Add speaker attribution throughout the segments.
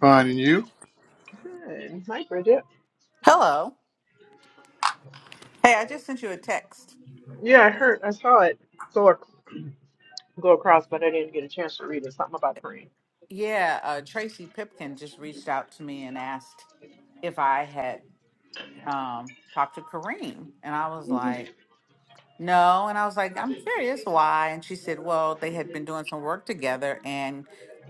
Speaker 1: Fine, and you?
Speaker 2: Hello. Hey, I just sent you a text. Yeah, uh, Tracy Pipkin just reached out to me and asked if I had um, talked to Kareem. And I was like, no. And I was like, I'm curious why. And she said, well, they had been doing some work together and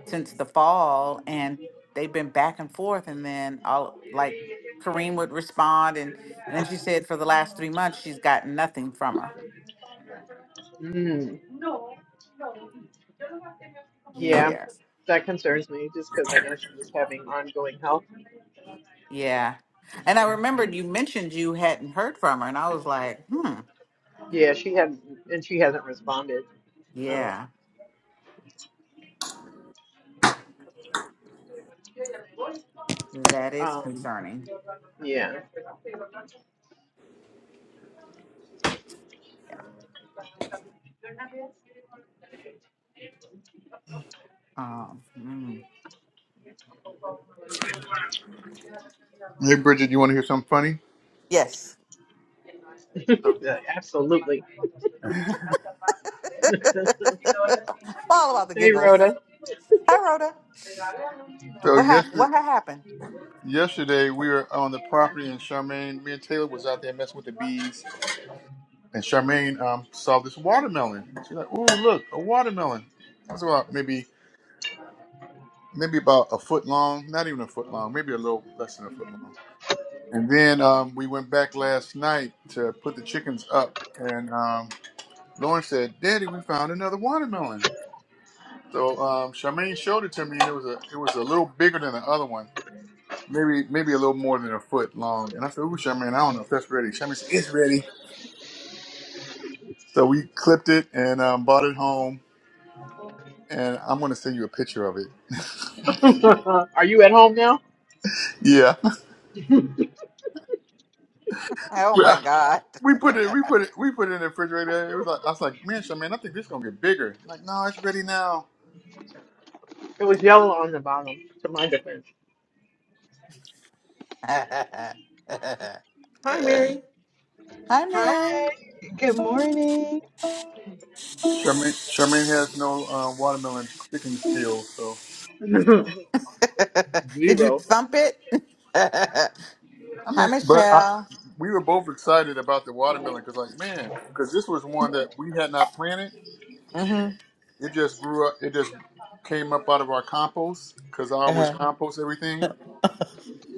Speaker 2: since the fall, and they've been back and forth. And then all like Kareem would respond. And, and then she said, for the last three months, she's gotten nothing from her. Yeah. Yeah. And I remembered you mentioned you hadn't heard from her, and I was like, hmm, yeah, that is concerning. Yeah. Um, mm.
Speaker 1: Hey, Bridget, you want to hear something funny?
Speaker 2: Yes.
Speaker 1: So,
Speaker 2: All about the giggles. Hi, Rhoda.
Speaker 1: so
Speaker 2: What happened? What
Speaker 1: yesterday,
Speaker 2: had happened?
Speaker 1: yesterday we were on the property, and Charmaine, me and Taylor was out there messing with the bees, and Charmaine um, saw this watermelon. She's like, "Oh, look, a watermelon!" That's about maybe maybe about a foot long, not even a foot long, maybe a little less than a foot long. And then um, we went back last night to put the chickens up, and um, Lauren said, "Daddy, we found another watermelon." So um, Charmaine showed it to me, and it was a it was a little bigger than the other one. maybe maybe a little more than a foot long. And I said, "Ooh, Charmaine, I don't know if that's ready." Charmaine said, "It's ready." So we clipped it and um, bought it home, and I'm gonna send you a picture of it. Yeah,
Speaker 2: Oh,
Speaker 1: we
Speaker 2: my
Speaker 1: I-
Speaker 2: God.
Speaker 1: we put it we put it we put it in the refrigerator. It was like I was like, "Man, Charmaine, I think this gonna get bigger." I'm like, no, it's ready now.
Speaker 2: Hi,
Speaker 3: Hi,
Speaker 2: Mary.
Speaker 3: good morning.
Speaker 1: Charmaine, Charmaine has no uh, watermelon picking skills, so
Speaker 2: Did you thump it?
Speaker 1: I
Speaker 2: Hi,
Speaker 1: mean, but I.
Speaker 2: Michelle.
Speaker 1: We were both excited about the watermelon because, like, man, because this was one that we had not planted
Speaker 2: Mm-hmm.
Speaker 1: It just grew up. It just came up out of our compost because I always compost everything.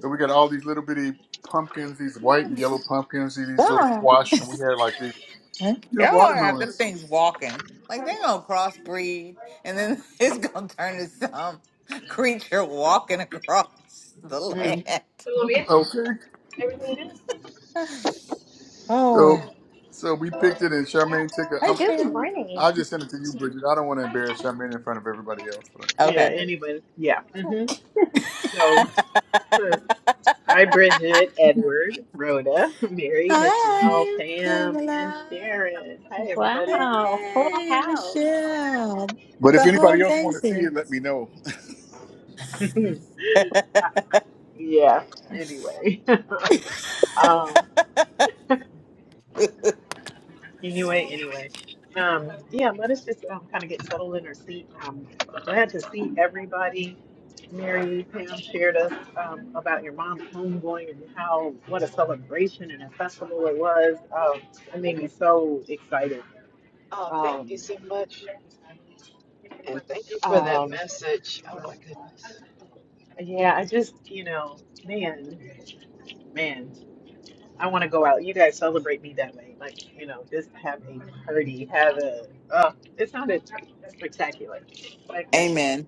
Speaker 1: So we got all these little bitty pumpkins, these white and yellow pumpkins, these little
Speaker 2: Uh-huh.
Speaker 1: squash, and we had like these
Speaker 2: Y'all
Speaker 1: new
Speaker 2: have them
Speaker 1: watermelons.
Speaker 2: things walking. Like they gonna crossbreed and then it's gonna turn to some creature walking across the land.
Speaker 1: Okay, so
Speaker 2: Oh,
Speaker 1: so we picked it, and Charmaine took it.
Speaker 2: hi,
Speaker 1: I'm,
Speaker 4: Good
Speaker 2: Sharon.
Speaker 1: i
Speaker 4: morning.
Speaker 1: just sent it to you, Bridget. I don't want to embarrass Charmaine in front of everybody else, but
Speaker 2: Okay. Hi, Pamela.
Speaker 4: Wow, full
Speaker 2: Hey,
Speaker 4: house.
Speaker 2: Michelle.
Speaker 1: but if
Speaker 2: The
Speaker 1: anybody
Speaker 2: whole
Speaker 1: else
Speaker 2: gang's
Speaker 1: want to see
Speaker 2: here.
Speaker 1: it, let me know.
Speaker 3: Oh, thank you so much. And thank you for that message. Oh, my goodness.
Speaker 2: Amen.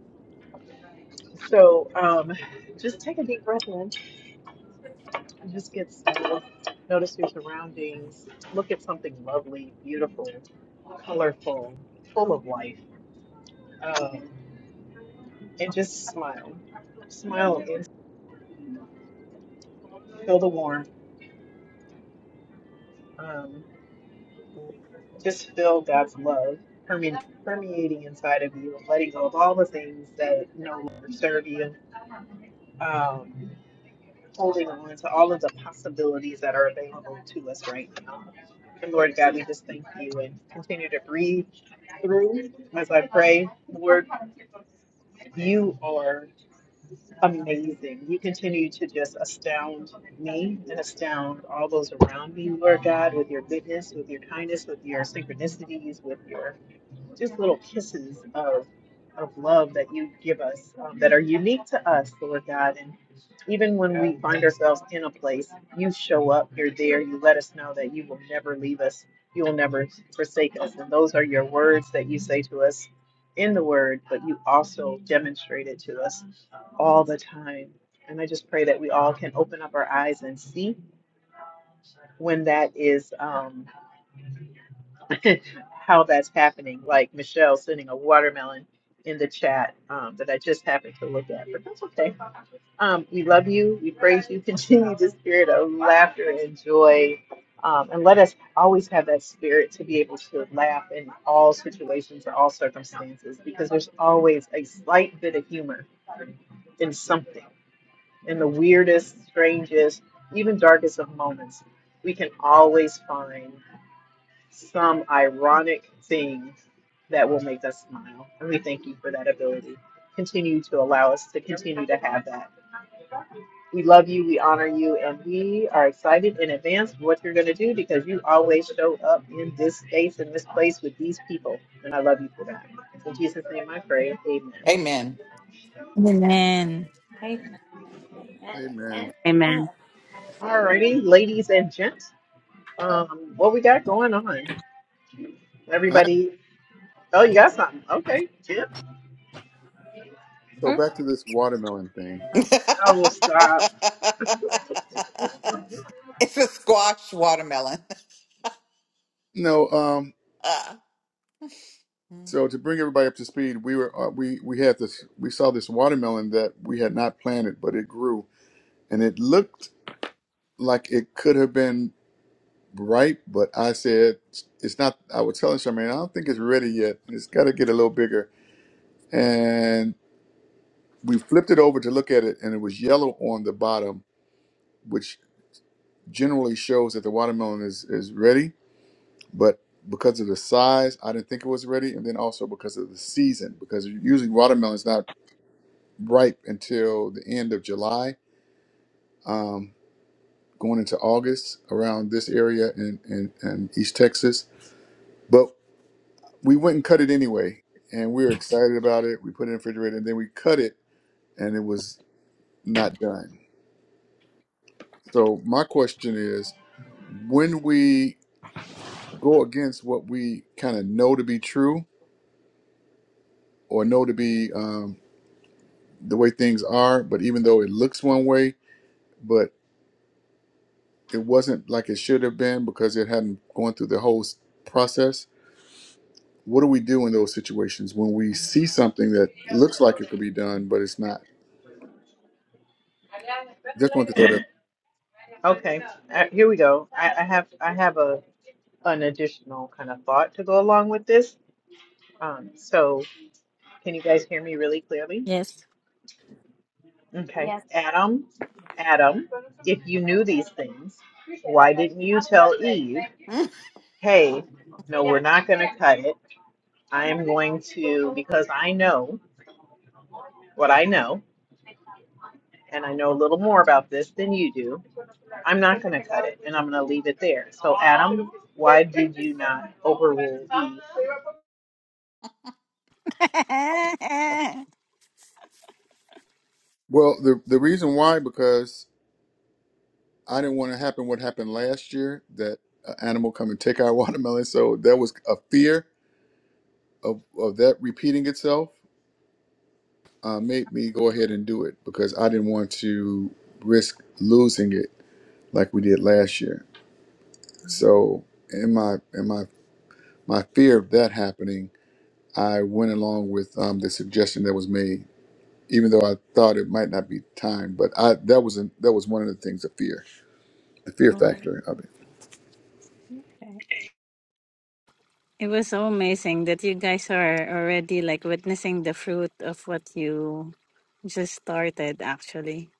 Speaker 2: Amen.
Speaker 5: Amen.
Speaker 4: Amen.
Speaker 1: Amen.
Speaker 4: Amen. amen.
Speaker 6: Amen.
Speaker 1: I, so
Speaker 4: Mm.
Speaker 1: back to this watermelon thing.
Speaker 4: Oh,
Speaker 2: it's a squash watermelon.
Speaker 1: No, um.
Speaker 2: Mm.
Speaker 1: So to bring everybody up to speed, we were uh, we we had this we saw this watermelon that we had not planted, but it grew and it looked like it could have been ripe, but I said it's not. I was telling Charmaine, I don't think it's ready yet. It's got to get a little bigger. And we flipped it over to look at it, and it was yellow on the bottom, which generally shows that the watermelon is is ready, but. Because of the size, I didn't think it was ready, and then also because of the season. Because usually watermelon's not ripe until the end of July, um, going into August around this area in, in, in East Texas. But we went and cut it anyway, and we were excited about it. We put it in the refrigerator, and then we cut it, and it was not done. So my question is, when we go against what we kind of know to be true or know to be um, the way things are, but even though it looks one way, but it wasn't like it should have been because it hadn't gone through the whole s- process what do we do in those situations when we see something that looks like it could be done but it's not just want to throw that
Speaker 5: Yes.
Speaker 4: yes.
Speaker 5: it
Speaker 1: well the, the reason why because i didn't want to happen what happened last year that an animal come and take our watermelon so that was a fear of, of that repeating itself uh, made me go ahead and do it because i didn't want to risk losing it like we did last year so in my in my my fear of that happening i went along with um, the suggestion that was made even though I thought it might not be time, but I that was an, that was one of the things the fear, the fear
Speaker 4: Mhm.
Speaker 1: factor of it.
Speaker 4: Okay.
Speaker 5: was so amazing that you guys are already like witnessing the fruit of what you just started actually.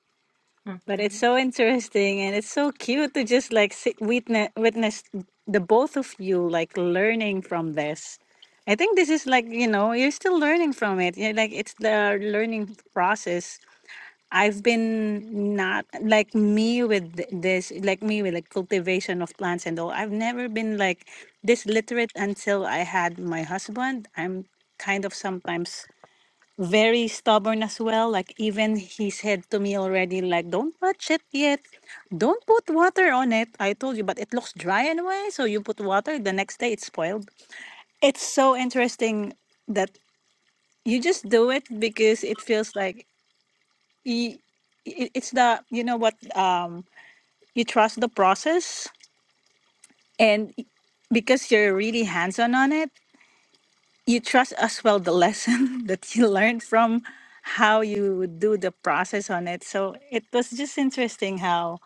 Speaker 5: But it's
Speaker 4: Mhm.
Speaker 5: so interesting and it's so cute to just like sit, witness witness the both of you like learning from this. I think this is like, you know, you're still learning from it. You're like it's the learning process I've been not like me with th- this, like me with like cultivation of plants and all. I've never been like this literate until I had my husband. I'm kind of sometimes very stubborn as well. Like even he said to me already, like, don't touch it yet. Don't put water on it. I told you, but it looks dry anyway. So you put water, the next day it's spoiled. It's so interesting that you just do it because it feels like y- i- it's the you know what um you trust the process and y- because you're really hands-on on it you trust as well the lesson that you learned from how you do the process on it so it was just interesting how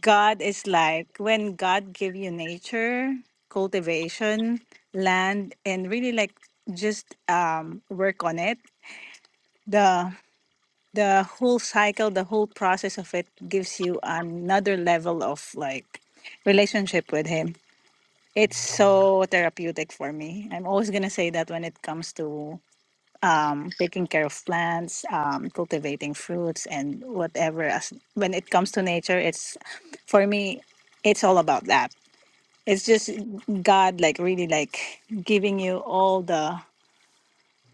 Speaker 5: god is like when god give you nature cultivation land and really like just um work on it The the whole cycle, the whole process of it gives you another level of like relationship with him. It's so therapeutic for me. I'm always gonna say that when it comes to um, taking care of plants, um, cultivating fruits, and whatever. As when it comes to nature, it's for me, it's all about that. It's just God, like really, like giving you all the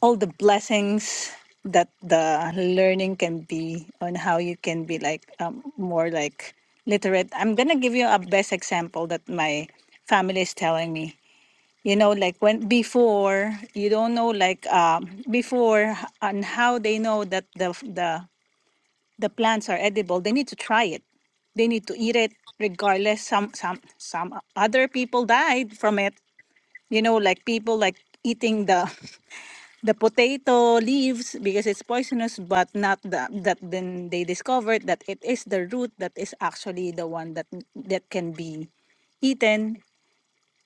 Speaker 5: all the blessings that the learning can be on how you can be like um, more like literate i'm gonna give you a best example that my family is telling me you know like when before you don't know like um, before h- on how they know that the the the plants are edible they need to try it they need to eat it regardless some some some other people died from it you know like people like eating the the potato leaves because it's poisonous but not the, that then they discovered that it is the root that is actually the one that that can be eaten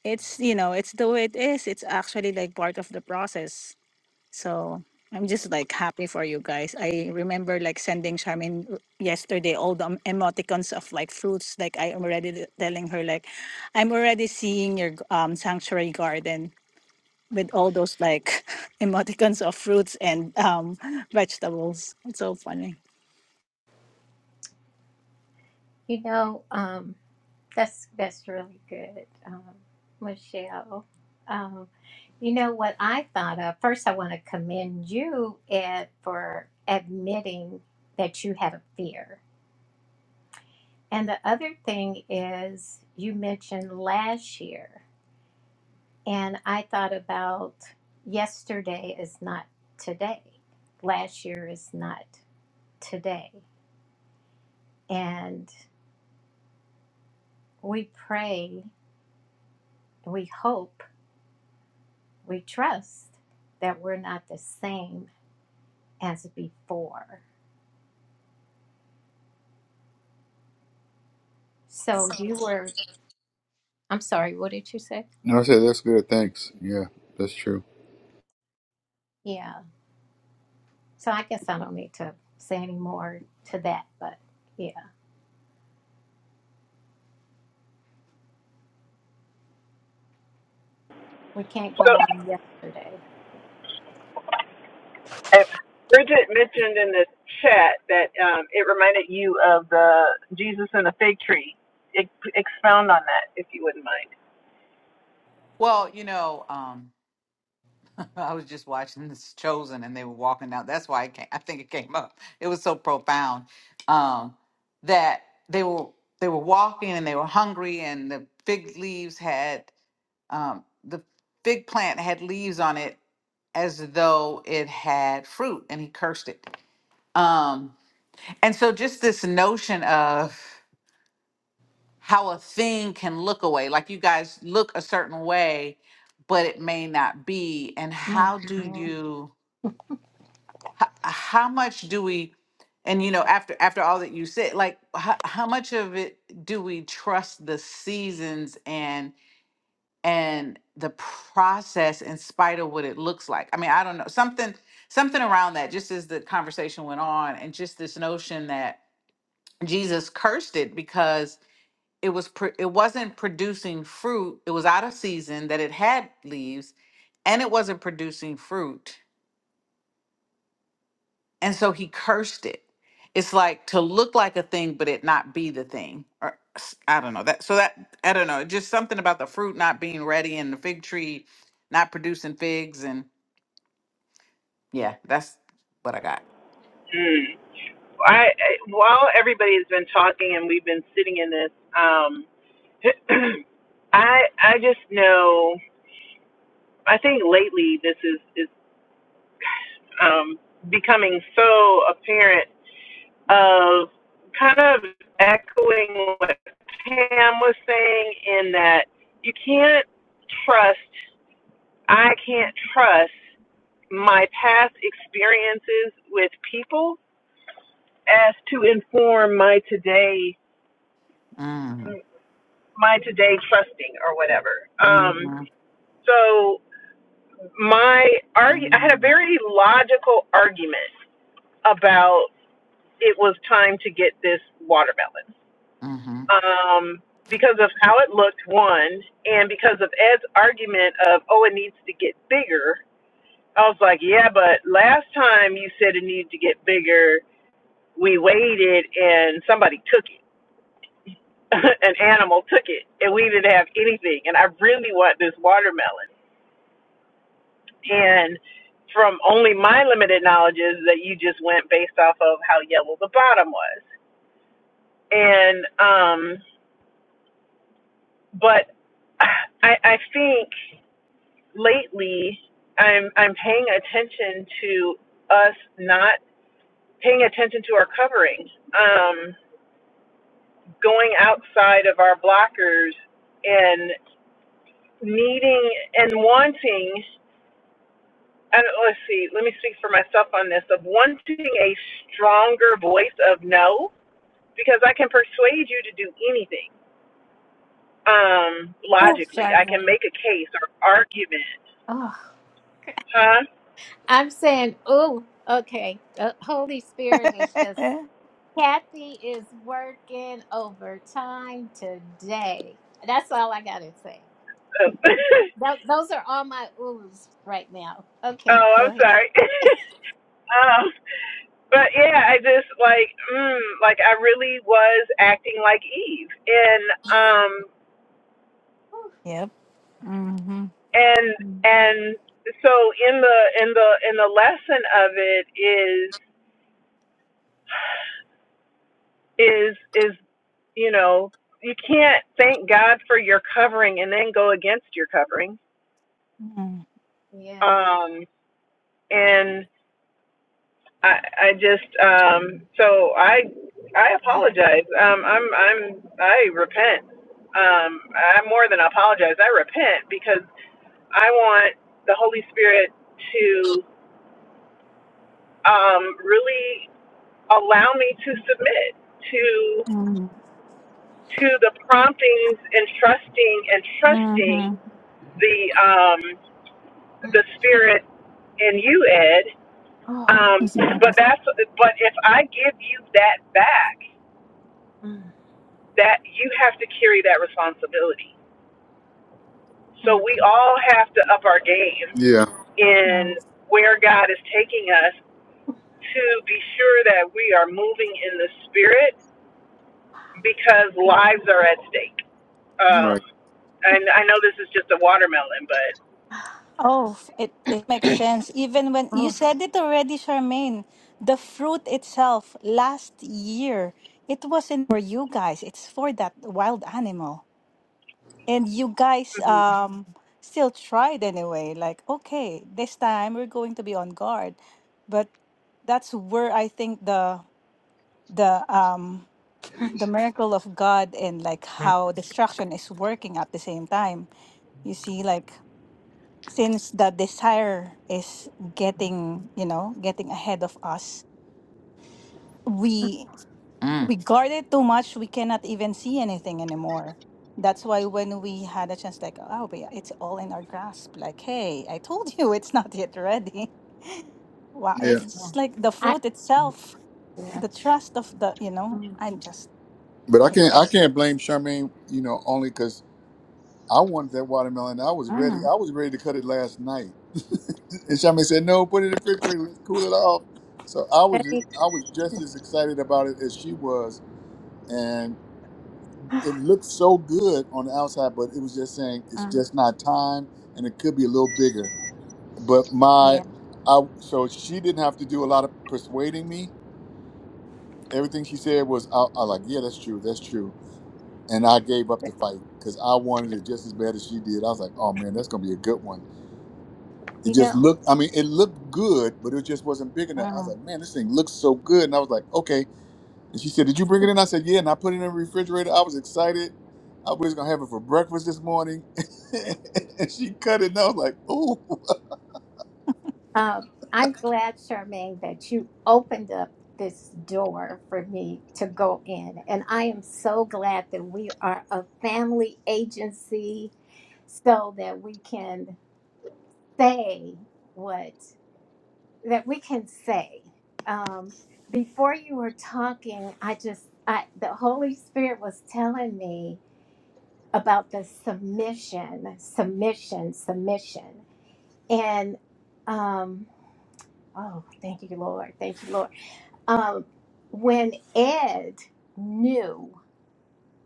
Speaker 5: it's you know it's the way it is it's actually like part of the process so i'm just like happy for you guys i remember like sending charmin r- yesterday all the emoticons of like fruits like i am already telling her like i'm already seeing your g- um sanctuary garden with all those like emoticons of fruits and um, vegetables. It's so funny.
Speaker 4: You know, um, that's that's really good, um, Michelle. Um, you know what I thought of first. I want to commend you Ed, for admitting that you had a fear, and the other thing is you mentioned last year. And I thought about yesterday is not today, last year is not today. And we pray, we hope, we trust that we're not the same as before. So you were, I'm sorry, what did you say?
Speaker 1: And I said, that's good. Thanks. Yeah, that's true.
Speaker 4: Yeah. So I guess I don't need to say any more to that, but yeah, we can't go
Speaker 7: So,
Speaker 4: on yesterday.
Speaker 7: uh, Bridget mentioned in the chat that um, it reminded you of the Jesus and the fig tree. Ex- Expound on that, if you wouldn't mind.
Speaker 2: Well, you know, um, I was just watching this Chosen, and they were walking out. That's why it came. I think it came up. It was so profound um, that they were they were walking, and they were hungry, and the fig leaves had um, the fig plant had leaves on it as though it had fruit, and he cursed it. Um, and so, just this notion of how a thing can look away like you guys look a certain way but it may not be and
Speaker 4: Mm.
Speaker 2: how do you how, how much do we and you know after after all that you said like how, how much of it do we trust the seasons and and the process in spite of what it looks like i mean i don't know something something around that just as the conversation went on and just this notion that jesus cursed it because it was pro- it wasn't producing fruit it was out of season that it had leaves and it wasn't producing fruit and so he cursed it it's like to look like a thing but it not be the thing or s- i don't know that so that i don't know just something about the fruit not being ready and the fig tree not producing figs and yeah that's what i got
Speaker 7: Mm. I, I, while everybody has been talking and we've been sitting in this, um, I I just know. I think lately this is is um, becoming so apparent of kind of echoing what Pam was saying in that you can't trust, I can't trust my past experiences with people as to inform my today,
Speaker 2: mm,
Speaker 7: my today trusting or whatever. Um,
Speaker 2: mhm,
Speaker 7: so my argu- I had a
Speaker 2: mm,
Speaker 7: very logical argument about it was time to get this watermelon
Speaker 2: mhm,
Speaker 7: um, because of how it looked, one, and because of Ed's argument of, oh, it needs to get bigger. I was like, yeah, but last time you said it needed to get bigger, we waited and somebody took it. An animal took it, and we didn't have anything. And I really want this watermelon. And from only my limited knowledge is that you just went based off of how yellow the bottom was. And, um, but I, I think lately I'm I'm paying attention to us not paying attention to our covering, um, going outside of our blockers and needing and wanting and let's see, let me speak for myself on this of wanting a stronger voice of no because I can persuade you to do anything. Um,
Speaker 4: Oh,
Speaker 7: logically. I can
Speaker 4: Charmaine.
Speaker 7: make a case or argument.
Speaker 4: Oh,
Speaker 7: Huh?
Speaker 4: I'm saying, ooh, okay. The Holy Spirit is just Kathy is working overtime today. That's all I gotta say.
Speaker 7: Oh,
Speaker 4: Tho- those are all my oohs right now. Okay,
Speaker 7: oh
Speaker 4: go
Speaker 7: I'm
Speaker 4: ahead.
Speaker 7: sorry. um, But yeah, I just like, mm, like I really was acting like Eve, and um,
Speaker 4: Whew,
Speaker 5: Yep. Mm-hmm.
Speaker 7: and and so in the in the in the lesson of it is is is you know you can't thank God for your covering and then go against your covering.
Speaker 5: Mm,
Speaker 4: Yeah.
Speaker 7: Um, and I I just um, so I I apologize. Um, I'm I'm I repent um, I more than apologize. I repent because I want the Holy Spirit to um, really allow me to submit to
Speaker 5: mm,
Speaker 7: to the promptings and trusting and trusting
Speaker 5: mhm.
Speaker 7: the um,
Speaker 4: Mm.
Speaker 7: the Spirit in you, Ed.
Speaker 4: Oh,
Speaker 7: Um, but
Speaker 4: Lord.
Speaker 7: that's but if I give you that back,
Speaker 4: Mm,
Speaker 7: that you have to carry that responsibility.
Speaker 4: mm.
Speaker 7: So we all have to up our game
Speaker 1: Yeah,
Speaker 7: in where God is taking us to be sure that we are moving in the spirit because lives are at stake. Um,
Speaker 1: right.
Speaker 7: and I know this is just a watermelon, but
Speaker 5: Oh, it, it makes sense. Even when you
Speaker 4: Oh,
Speaker 5: said it already, Charmaine, the fruit itself last year, it wasn't for you guys, it's for that wild animal. and you guys
Speaker 7: Mhm.
Speaker 5: um still tried anyway like okay this time we're going to be on guard but that's where i think the the um the miracle of god and like
Speaker 4: yeah.
Speaker 5: how destruction is working at the same time you see like since the desire is getting you know getting ahead of us we.
Speaker 2: mm.
Speaker 5: we guard it too much we cannot even see anything anymore that's why when we had a chance like oh but yeah, it's all in our grasp like hey i told you it's not yet ready wow
Speaker 1: Yeah,
Speaker 5: it's just like the
Speaker 4: I
Speaker 5: fruit itself
Speaker 4: yeah.
Speaker 5: the trust of the you know
Speaker 4: Mm,
Speaker 5: i'm just
Speaker 1: but I
Speaker 4: yeah.
Speaker 5: it's
Speaker 1: can't I
Speaker 5: w-
Speaker 1: can't blame Charmaine, you know, only because I wanted that watermelon. I was ready.
Speaker 5: Mm,
Speaker 1: I was ready to cut it last night, and Charmaine said, "No, put it in the refrigerator. Let's cool it off." So I was
Speaker 4: Thank-
Speaker 1: I was just as excited about it as she was, and. it looked so good on the outside, but it was just saying it's
Speaker 5: mm,
Speaker 1: just not time, and it could be a little bigger. But my,
Speaker 4: Yeah.
Speaker 1: I so she didn't have to do a lot of persuading me. Everything she said was, I, I like, yeah, that's true, that's true, and I gave up the fight because I wanted it just as bad as she did. I was like, oh man, that's gonna be a good one. It
Speaker 4: You
Speaker 1: just
Speaker 4: know.
Speaker 1: looked, I mean, it looked good, but it just wasn't big enough. I was
Speaker 5: mm.
Speaker 1: like, man, this thing looks so good, and I was like, okay, And she said, Did you bring it in? I said, Yeah. And I put it in the refrigerator. I was excited. I was going to have it for breakfast this morning. and she cut it. And I was like, Oh.
Speaker 4: Um, I'm glad, Charmaine, that you opened up this door for me to go in. And I am so glad that we are a family agency so that we can say what that we can say. Um, before you were talking, I just I the Holy Spirit was telling me about the submission, submission, submission. And um, oh, thank you, Lord. Thank you, Lord um, when Ed knew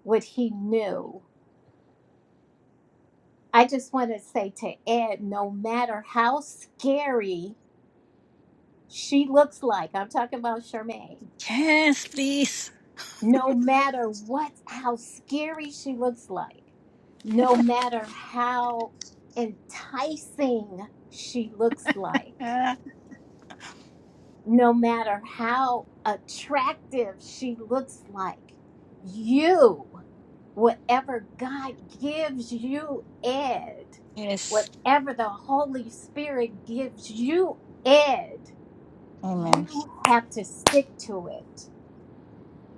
Speaker 4: what he knew, I just want to say to Ed, no matter how scary she looks like, I'm talking about Charmaine,
Speaker 5: Yes, please.
Speaker 4: no matter what, how scary she looks like, no matter how enticing she looks like, no matter how attractive she looks like, you. whatever God gives you, Ed,
Speaker 5: Yes.
Speaker 4: whatever the Holy Spirit gives you, Ed,
Speaker 5: amen
Speaker 4: you have to stick to it.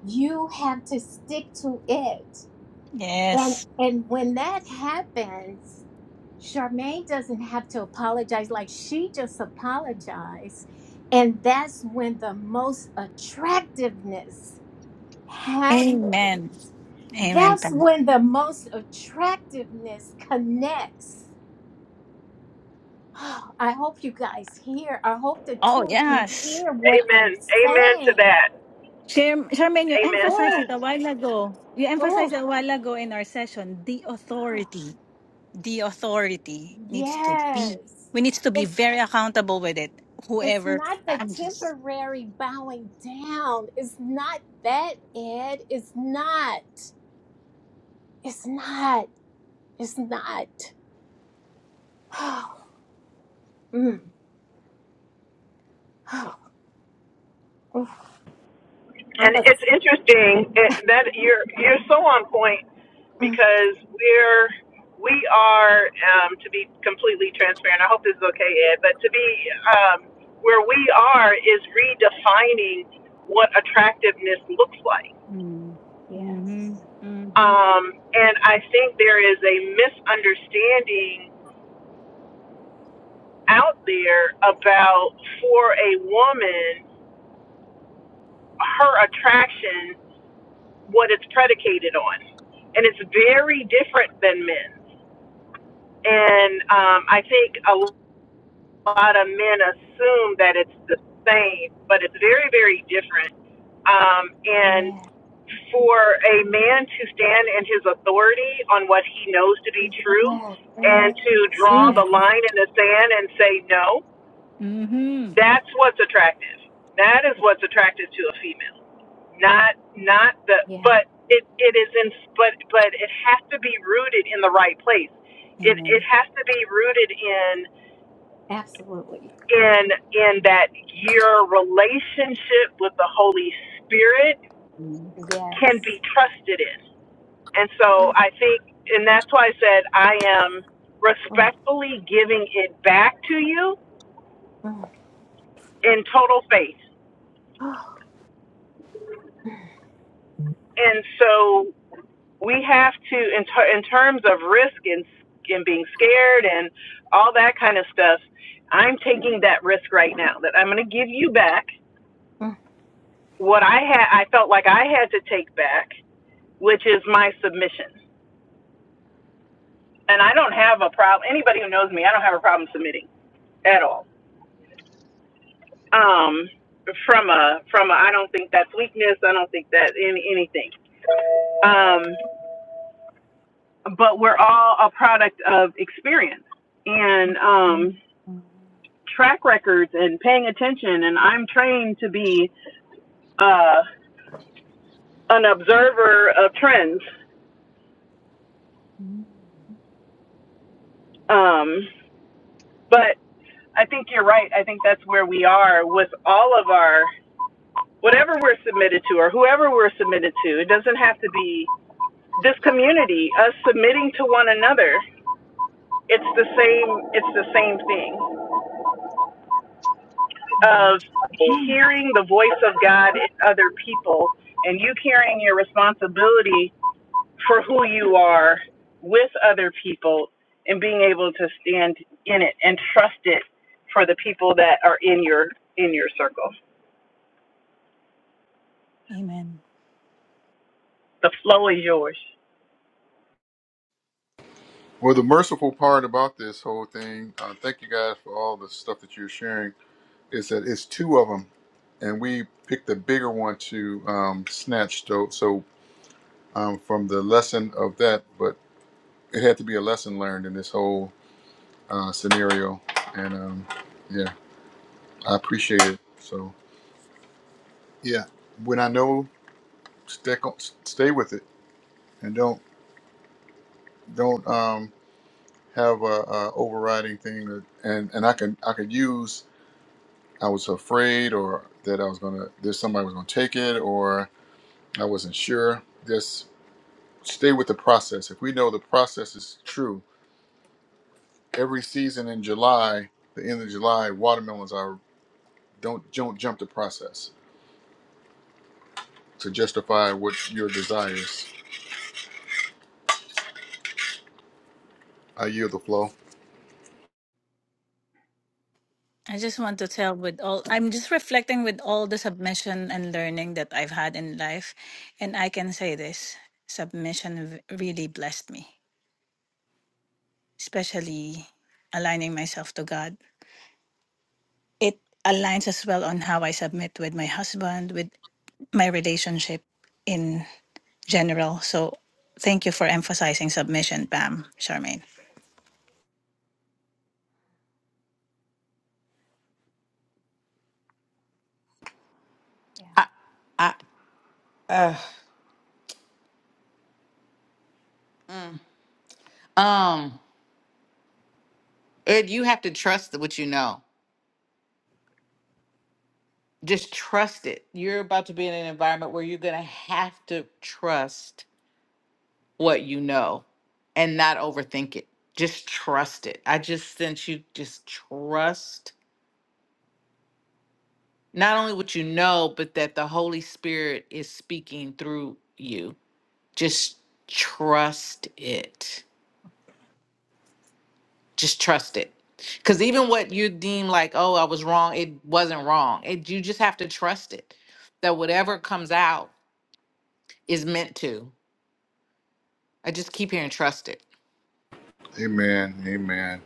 Speaker 4: You have to stick to it. And
Speaker 5: Yes.
Speaker 4: and when that happens, Charmaine doesn't have to apologize like she just apologized. And that's when the most attractiveness happens
Speaker 5: Amen. Amen.
Speaker 4: That's
Speaker 5: Pam.
Speaker 4: when the most attractiveness connects. Oh, I hope you guys hear. I hope the
Speaker 5: Oh,
Speaker 4: two of you
Speaker 5: yes.
Speaker 4: hear what
Speaker 7: amen,
Speaker 4: I'm
Speaker 7: amen to
Speaker 4: saying.
Speaker 7: that,
Speaker 5: Charm- Charmaine, you
Speaker 7: amen to
Speaker 5: emphasized it
Speaker 4: Oh,
Speaker 7: that.
Speaker 5: a while ago. You
Speaker 4: oh,
Speaker 5: emphasized a while ago in our session the
Speaker 4: oh,
Speaker 5: authority. The authority needs to
Speaker 4: yes.
Speaker 5: be, we need to be
Speaker 4: It's
Speaker 5: very accountable with it.
Speaker 4: it's
Speaker 5: Whoever,
Speaker 4: not the
Speaker 5: I'm just.
Speaker 4: temporary bowing down. It's not that, Ed. It's not. It's not. It's not. Oh, Mm. Oh, oh. I'm
Speaker 7: And
Speaker 4: a,
Speaker 7: it's interesting it, that you're you're so on point because we're we are um, to be completely transparent. I hope this is okay, Ed. But to be um, where we are is redefining what attractiveness looks like
Speaker 5: Mm. hmm
Speaker 4: yes.
Speaker 5: hmm
Speaker 7: Um, and I think there is a misunderstanding out there about for a woman, her attraction, what it's predicated on. And it's very different than men's. And um, I think a lot of men assume that it's the same, but it's very, very different. Um, and
Speaker 4: Yeah.
Speaker 7: for a man to stand in his authority on what he knows to be true
Speaker 4: Yeah.
Speaker 7: and to
Speaker 5: Yes,
Speaker 4: Mm.
Speaker 7: draw
Speaker 5: amen.
Speaker 7: the line in the sand and say no
Speaker 5: hmm
Speaker 7: that's what's attractive that is what's attractive to a female not not the
Speaker 4: Yeah,
Speaker 7: but it it is in but but it has to be rooted in the right place it it
Speaker 5: Amen.
Speaker 7: has to be rooted in
Speaker 4: absolutely.
Speaker 7: in in that your relationship with the holy spirit
Speaker 5: hmm
Speaker 7: can
Speaker 4: Yes.
Speaker 7: be trusted in And so
Speaker 4: Mm,
Speaker 7: I think, and that's why I said I am
Speaker 4: mm,
Speaker 7: respectfully giving it back to you
Speaker 4: mm,
Speaker 7: in total faith.
Speaker 4: Oh, mm,
Speaker 7: And so we have to, in, ter- in terms of risk and, and being scared and all that kind of stuff, I'm taking that risk right now that I'm going to give you back
Speaker 4: mm.
Speaker 7: what I had, I felt like I had to take back, which is my submission. And I don't have a problem. Anybody who knows me, I don't have a problem submitting at all um, from a from a I don't think that's weakness. I don't think that in anything. Um, but we're all a product of experience and
Speaker 5: hmm
Speaker 7: um, track records and paying attention. And I'm trained to be uh, an observer of trends. Um, but I think you're right. I think that's where we are with all of our whatever we're submitted to or whoever we're submitted to. It doesn't have to be this community. Us submitting to one another it's the same it's the same thing of
Speaker 4: mm.
Speaker 7: hearing the voice of God in other people and you carrying your responsibility for who you are with other people and being able to stand in it and trust it for the people that are in your in your circle.
Speaker 5: Amen.
Speaker 7: The flow is yours.
Speaker 1: Well, the merciful part about this whole thing, uh, thank you guys for all the stuff that you're sharing, is that it's two of them, and we picked the bigger one to um, snatch. So, so um, from the lesson of that, but it had to be a lesson learned in this whole uh, scenario. And um, yeah, I appreciate it. So yeah, when I know. Stick on, stay with it, and don't don't um, have a, a overriding thing. That, and and I can I could use. I was afraid, or that I was gonna. that somebody was gonna take it, or I wasn't sure. Just stay with the process. If we know the process is true, every season in July, the end of July, watermelons are. Don't don't jump the process to justify what your desires. I yield the flow.
Speaker 5: I just want to tell with all, I'm just reflecting with all the submission and learning that I've had in life. And I can say this submission v- really blessed me, especially aligning myself to God. It aligns as well on how I submit with my husband, with my relationship in general. So thank you for emphasizing submission, Pam, Charmaine.
Speaker 4: Yeah.
Speaker 2: I, um ed you have to trust what you know just trust it. You're about to be in an environment where you're going to have to trust what you know and not overthink it. Just trust it. I just sense you just trust not only what you know, but that the Holy Spirit is speaking through you. Just trust it. Just trust it. Because even what you deem like, oh, I was wrong, it wasn't wrong. It, you just have to trust it that whatever comes out is meant to. I just keep hearing trust it.
Speaker 1: Amen. Amen.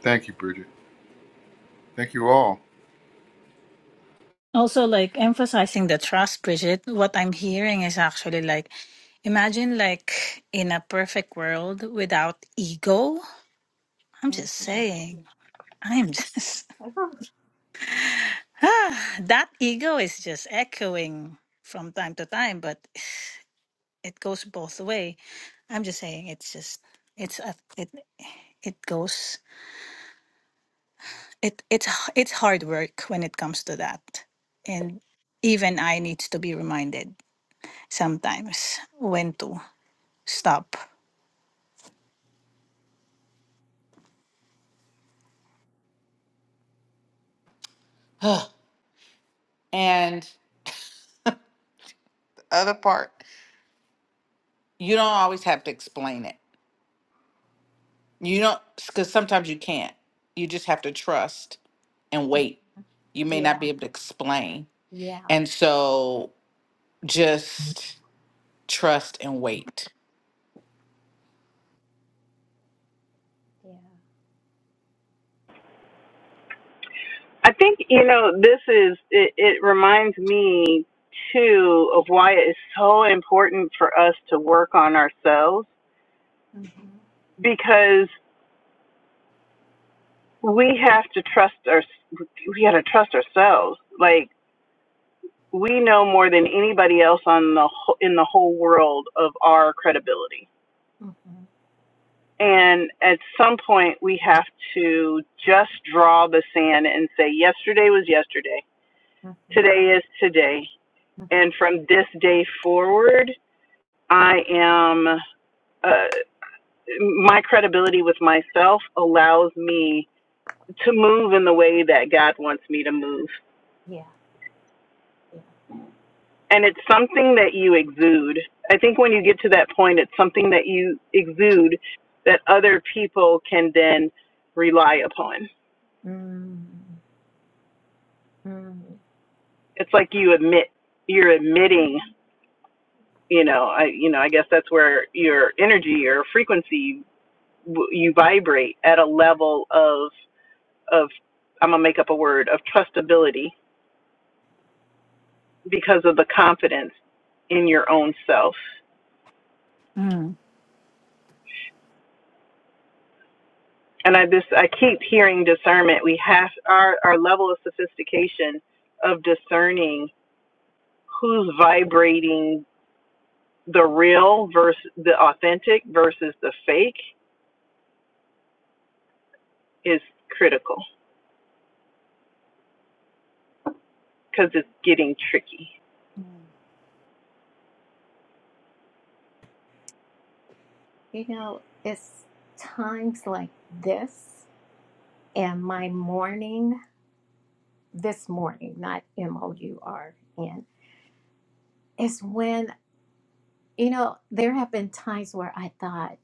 Speaker 1: Thank you, Bridget. Thank you all.
Speaker 5: Also, like emphasizing the trust, Bridget, what I'm hearing is actually like imagine like in a perfect world without ego. I'm
Speaker 4: Mhm.
Speaker 5: just saying, I'm just
Speaker 4: Oh,
Speaker 5: that ego is just echoing from time to time, but it goes both way. I'm just saying it's just it's a, it it goes it it's h- it's hard work when it comes to that. And even I need to be reminded sometimes when to. Stop.
Speaker 2: And the other part, you don't always have to explain it. You don't, because sometimes you can't. You just have to trust and wait. You may not
Speaker 4: Yeah.
Speaker 2: be able to explain.
Speaker 4: Yeah.
Speaker 2: And so just trust and wait.
Speaker 4: Yeah.
Speaker 7: I think you know this is it, it reminds me too of why it is so important for us to work on ourselves
Speaker 4: Mhm,
Speaker 7: because. we have to trust our we got to trust ourselves like we know more than anybody else on the wh- in the whole world of our credibility
Speaker 4: mhm,
Speaker 7: and at some point we have to just draw the sand and say yesterday was yesterday
Speaker 4: mhm,
Speaker 7: today is today
Speaker 4: mhm.
Speaker 7: and from this day forward i am uh, my credibility with myself allows me to move in the way that god wants me to move
Speaker 4: Yeah. Yeah.
Speaker 7: and it's something that you exude. I think when you get to that point, it's something that you exude that other people can then rely upon.
Speaker 4: Mm, mm.
Speaker 7: It's like you admit you're admitting, you know, I you know, I guess that's where your energy or frequency you vibrate at a level of of I'm going to make up a word of trustability because of the confidence in your own self.
Speaker 5: Mm.
Speaker 7: and I just I keep hearing discernment. We have our our level of sophistication of discerning who's vibrating the real versus the authentic versus the fake is critical because it's getting tricky.
Speaker 4: You know, it's times like this and my morning, this morning, not M O U R N, is when, you know, there have been times where I thought,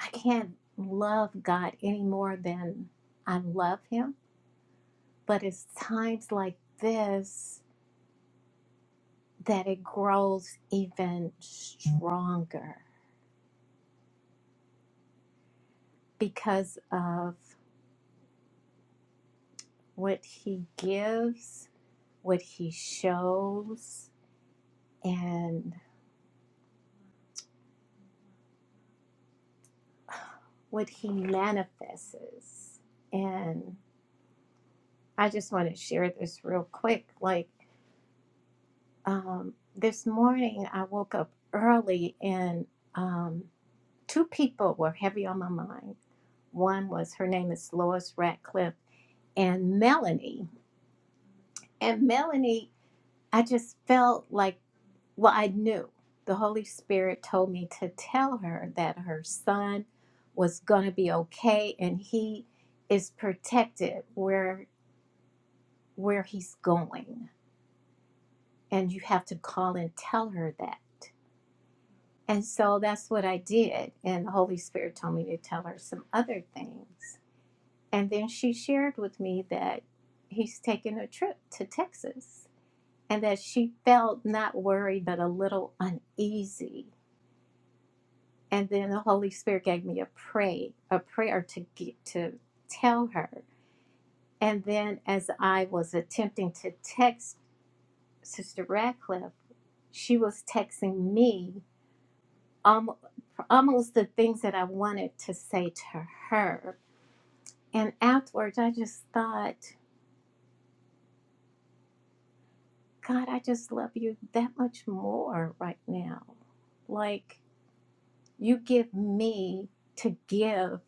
Speaker 4: I can't love God any more than I love Him. But it's times like this that it grows even stronger because of what He gives, what He shows, and what He manifests. And I just want to share this real quick. Like um, this morning, I woke up early and um, two people were heavy on my mind. One was her name is Lois Ratcliffe and Melanie. And Melanie, I just felt like, well, I knew the Holy Spirit told me to tell her that her son was going to be okay and he is protected where where he's going and you have to call and tell her that and so that's what i did and the holy spirit told me to tell her some other things And then she shared with me that he's taking a trip to Texas and that she felt not worried but a little uneasy. And then the Holy Spirit gave me a pray, a prayer to get, to tell her. And then as I was attempting to text Sister Radcliffe, she was texting me um almost the things that I wanted to say to her. And afterwards, I just thought, God, I just love you that much more right now. Like you give me to give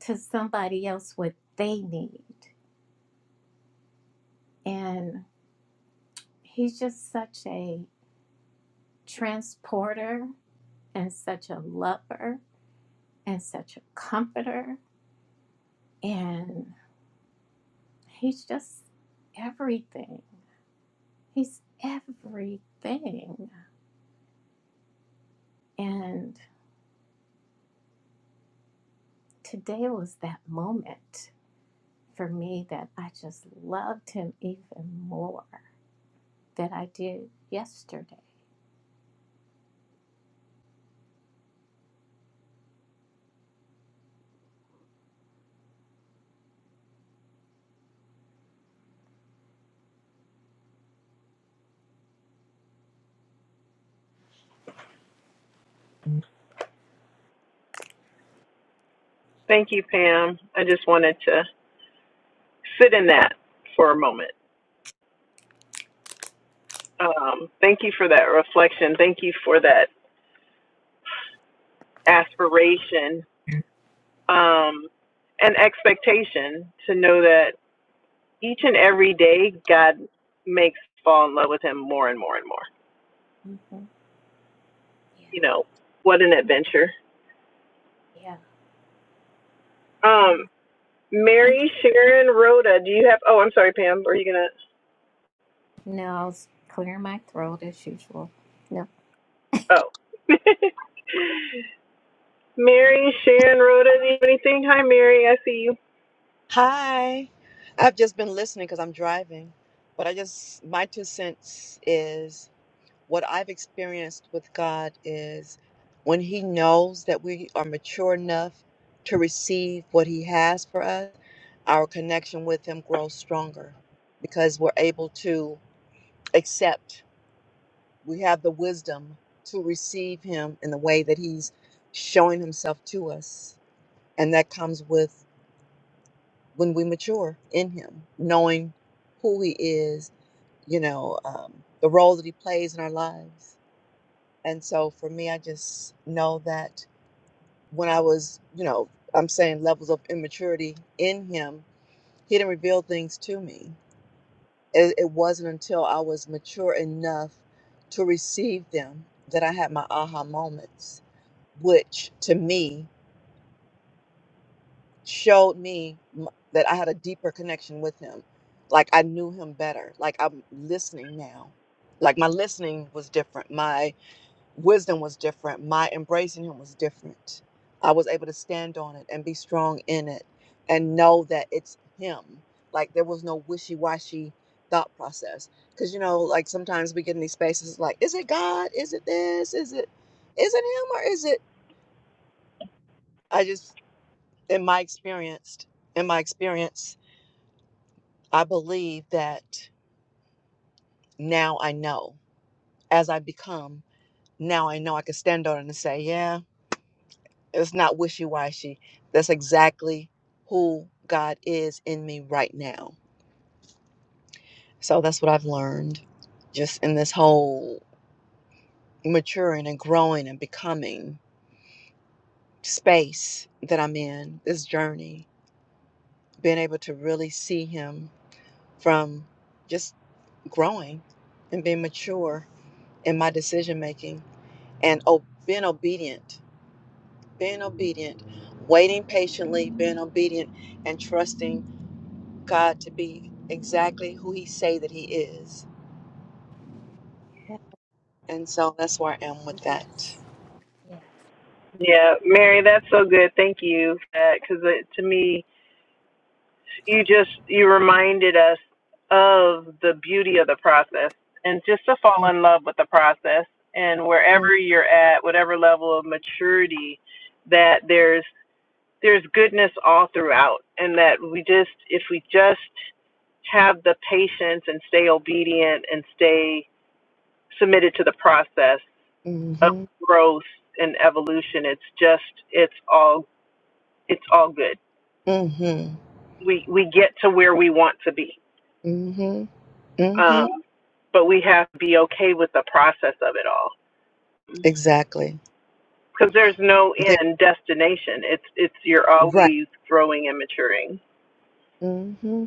Speaker 4: to somebody else what they need. And he's just such a transporter and such a lover and such a comforter. And he's just everything. He's everything. And today was that moment. for me that I just loved him even more than I did yesterday.
Speaker 7: Thank you, Pam. I just wanted to sit in that for a moment. Um, thank you for that reflection. Thank you for that aspiration um, and expectation to know that. each and every day God makes fall in love with him more and more and more.
Speaker 4: hmm
Speaker 7: You
Speaker 4: Yeah,
Speaker 7: know, what an adventure.
Speaker 4: yeah,
Speaker 7: Um,
Speaker 4: yeah.
Speaker 7: Mary Sharon Rhoda, do you have oh I'm sorry, Pam, are you gonna
Speaker 4: No, I was clearing my throat as usual. No.
Speaker 7: oh Mary Sharon Rhoda, do you have anything? Hi Mary, I see you.
Speaker 3: Hi. I've just been listening because I'm driving, but I just, my two cents is what I've experienced with God is when He knows that we are mature enough to receive what He has for us, our connection with Him grows stronger because we're able to accept. we have the wisdom to receive him in the way that he's showing himself to us and that comes with when we mature in him knowing who he is you know um, the role that he plays in our lives and so for me i just know that when i was you know i'm saying levels of immaturity in him he didn't reveal things to me it, it wasn't until i was mature enough to receive them that i had my aha moments which to me showed me m- that I had a deeper connection with him. Like I knew him better. Like I'm listening now. Like my listening was different. My wisdom was different. My embracing him was different. I was able to stand on it and be strong in it and know that it's him. Like there was no wishy washy thought process. Cause you know, like sometimes we get in these spaces like, is it God? Is it this? Is it is it him or is it I just in my experience in my experience i believe that now i know as i become now i know i can stand on it and say yeah it's not wishy-washy that's exactly who god is in me right now so that's what i've learned just in this whole maturing and growing and becoming space that i'm in this journey being able to really see him from just growing and being mature in my decision making and o- being obedient, being obedient, waiting patiently, being obedient, and trusting God to be exactly who He say that He is.
Speaker 4: Yes.
Speaker 3: And so that's where I am with that.
Speaker 4: Yes.
Speaker 7: Yeah, Mary, that's so good. Thank you for that. Cause uh, to me you just you reminded us of the beauty of the process and just to fall in love with the process and
Speaker 3: Mm-hmm,
Speaker 7: wherever you're at whatever level of maturity that there's there's goodness all throughout and that we just if we just have the patience and stay obedient and stay submitted to the process of
Speaker 3: mm-hmm,
Speaker 7: growth and evolution it's just it's all it's all good
Speaker 3: mm-hmm,
Speaker 7: we we get to where we want to be
Speaker 3: mm-hmm, mm-hmm.
Speaker 7: Um, but we have to be okay with the process of it all
Speaker 3: Exactly.
Speaker 7: because there's no
Speaker 3: There.
Speaker 7: end destination. It's it's you're
Speaker 3: Right.
Speaker 7: always growing and maturing.
Speaker 3: Mm hmm.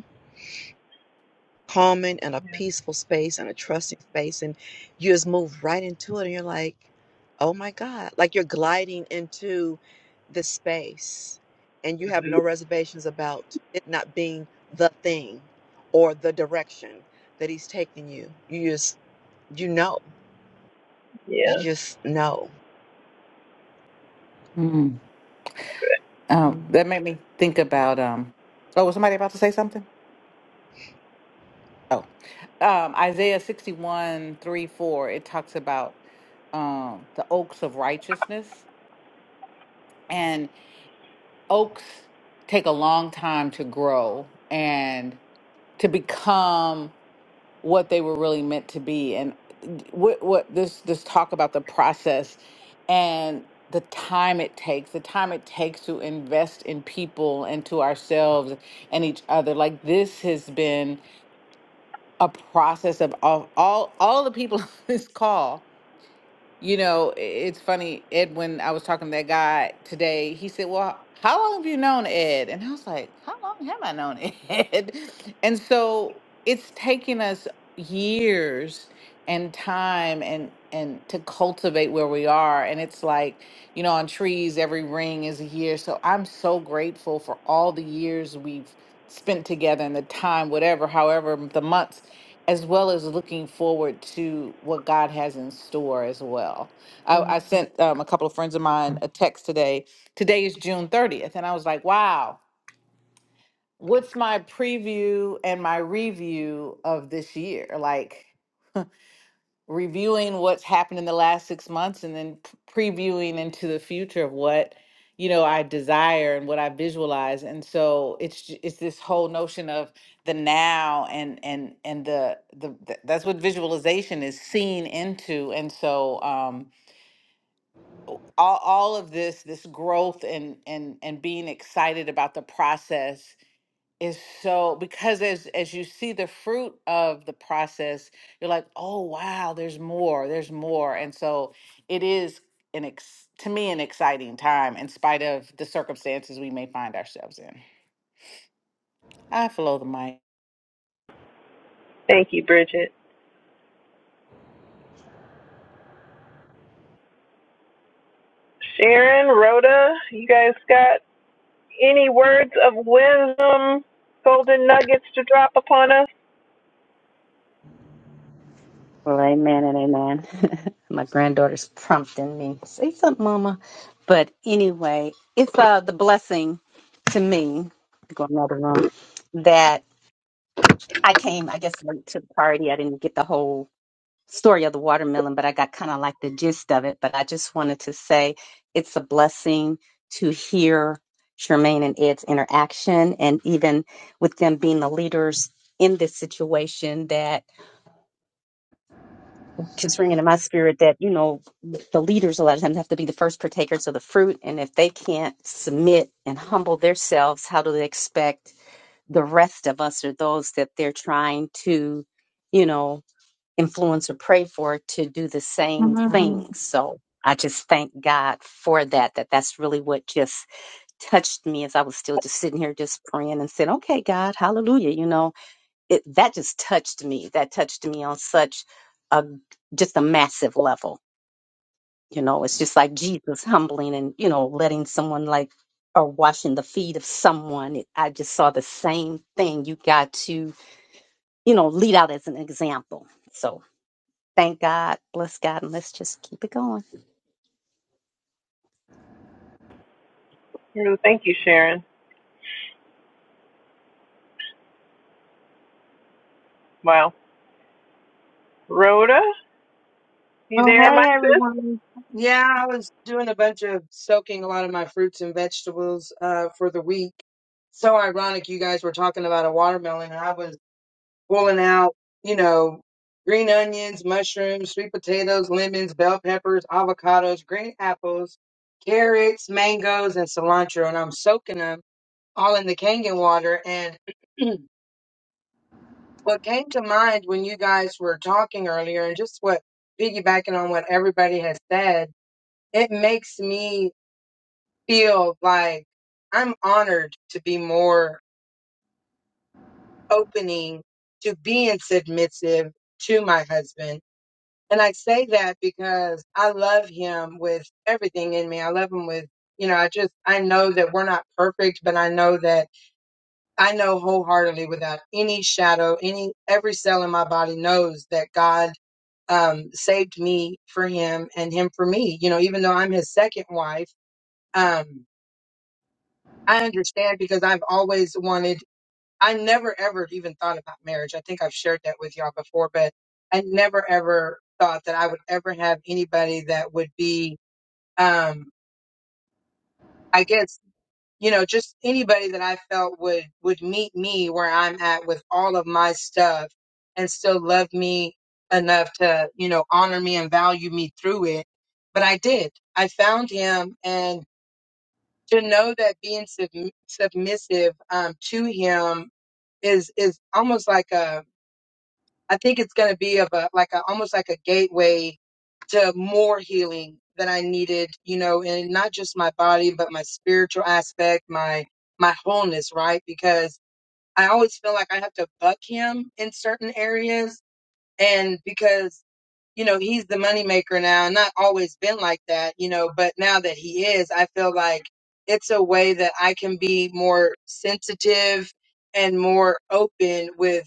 Speaker 3: calming and a peaceful space and a trusting space and you just move right into it and you're like oh my god like you're gliding into the space and you have
Speaker 7: Mhm.
Speaker 3: no reservations about it not being the thing or the direction that he's taking you you just you know you
Speaker 7: Yeah.
Speaker 3: just know
Speaker 2: Mm. Um,
Speaker 3: hmm
Speaker 2: that made me think about, um, oh, was somebody about to say something? Oh, um, Isaiah 61 3 4. it talks about um, the oaks of righteousness. oaks take a long time to grow and to become what they were really meant to be and what what this this talk about the process and the time it takes the time it takes to invest in people and to ourselves and each other like this has been a process of all all, all the people on this call you know, i- it's funny, Edwin, I was talking to that guy today. He said, Well, how long have you known Ed? And I was like, How long have I known Ed? And so it's taken us years and time and and to cultivate where we are. And it's like, you know, on trees, every ring is a year. So I'm so grateful for all the years we've spent together and the time, whatever, however the months as well as looking forward to what God has in store as well. I,
Speaker 4: Yeah.
Speaker 2: I sent um, a couple of friends of
Speaker 4: Yeah.
Speaker 2: mine a text today. Today is June 30th. And I was like, wow, what's my preview and my review of this year? Like, reviewing what's happened in the last six months and then p- previewing into the future of what you know i desire and what i visualize and so it's j- it's this whole notion of the now and and and the the th- that's what visualization is seen into and so um all, all of this this growth and and and being excited about the process is so because as as you see the fruit of the process you're like oh wow there's more there's more and so it is an ex- to me an exciting time in spite of the circumstances we may find ourselves in i flow the mic
Speaker 7: Thank you, Bridget. Sharon, Rhoda, you guys got any words of wisdom, golden nuggets to drop upon us?
Speaker 6: Well, amen and amen. My granddaughter's prompting me. Say something, Mama. But anyway, it's uh the blessing to me go in another room that I came, I guess, late to the party. I didn't get the whole story of the watermelon, but I got kind of like the gist of it. But I just wanted to say it's a blessing to hear Charmaine and Ed's interaction and even with them being the leaders in this situation that just ringing in my spirit that you know the leaders a lot of times have to be the first partakers of the fruit and if they can't submit and humble themselves how do they expect the rest of us or those that they're trying to you know influence or pray for to do the same
Speaker 5: Mm.
Speaker 6: thing so i just thank god for that that that's really what just touched me as i was still just sitting here just praying and saying okay god hallelujah you know it that just touched me. That touched me on such a just a massive level. You know, it's just like Jesus humbling and you know letting someone like or washing the feet of someone. It, I just saw the same thing. You got to you know lead out as an example. So thank God, bless God, and let's just keep it going.
Speaker 7: No, thank you, Sharon. Wow. Rhoda, you
Speaker 8: Oh,
Speaker 7: there,
Speaker 8: hey
Speaker 7: my sis?
Speaker 8: everyone. Yeah, I was doing a bunch of soaking a lot of my fruits and vegetables uh, for the week. So ironic you guys were talking about a watermelon and I was pulling out, you know, green onions, mushrooms, sweet potatoes, lemons, bell peppers, avocados, green apples, carrots, mangoes, and cilantro. And I'm soaking them all in the Kangen water. And what came to mind when you guys were talking earlier and just what piggybacking on what everybody has said it makes me feel like I'm honored to be more opening to being submissive to my husband. And I say that because I love him with everything in me. I love him with, you know, I just, I know that we're not perfect, but I know that I know wholeheartedly without any shadow, any, every cell in my body knows that God um, saved me for him and him for me. You know, even though I'm his second wife, um, I understand because I've always wanted, I never ever even thought about marriage. I think I've shared that with y'all before, but I never ever thought that I would ever have anybody that would be, um, I guess, you know, just anybody that I felt would, would meet me where I'm at with all of my stuff and still love me enough to, you know, honor me and value me through it. But I did. I found him and to know that being sub- submissive um, to him is is almost like a I think it's going to be of a like a almost like a gateway to more healing that I needed, you know, and not just my body but my spiritual aspect, my my wholeness, right? Because I always feel like I have to buck him in certain areas and because you know, he's the moneymaker now, and not always been like that, you know, but now that he is, I feel like it's a way that I can be more sensitive and more open with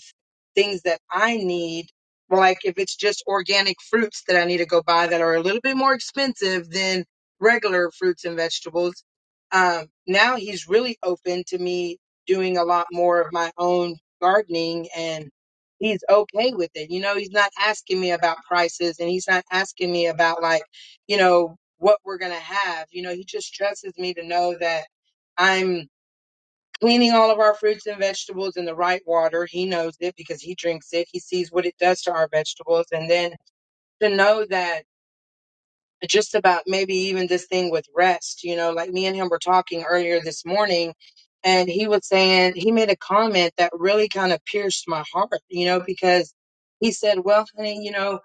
Speaker 8: things that I need. Like if it's just organic fruits that I need to go buy that are a little bit more expensive than regular fruits and vegetables. Um, now he's really open to me doing a lot more of my own gardening and he's okay with it. You know, he's not asking me about prices and he's not asking me about like, you know, what we're going to have. You know, he just trusts me to know that I'm cleaning all of our fruits and vegetables in the right water. He knows it because he drinks it. He sees what it does to our vegetables and then to know that just about maybe even this thing with rest. You know, like me and him were talking earlier this morning, and he was saying he made a comment that really kind of pierced my heart, you know, because he said, Well, honey, you know,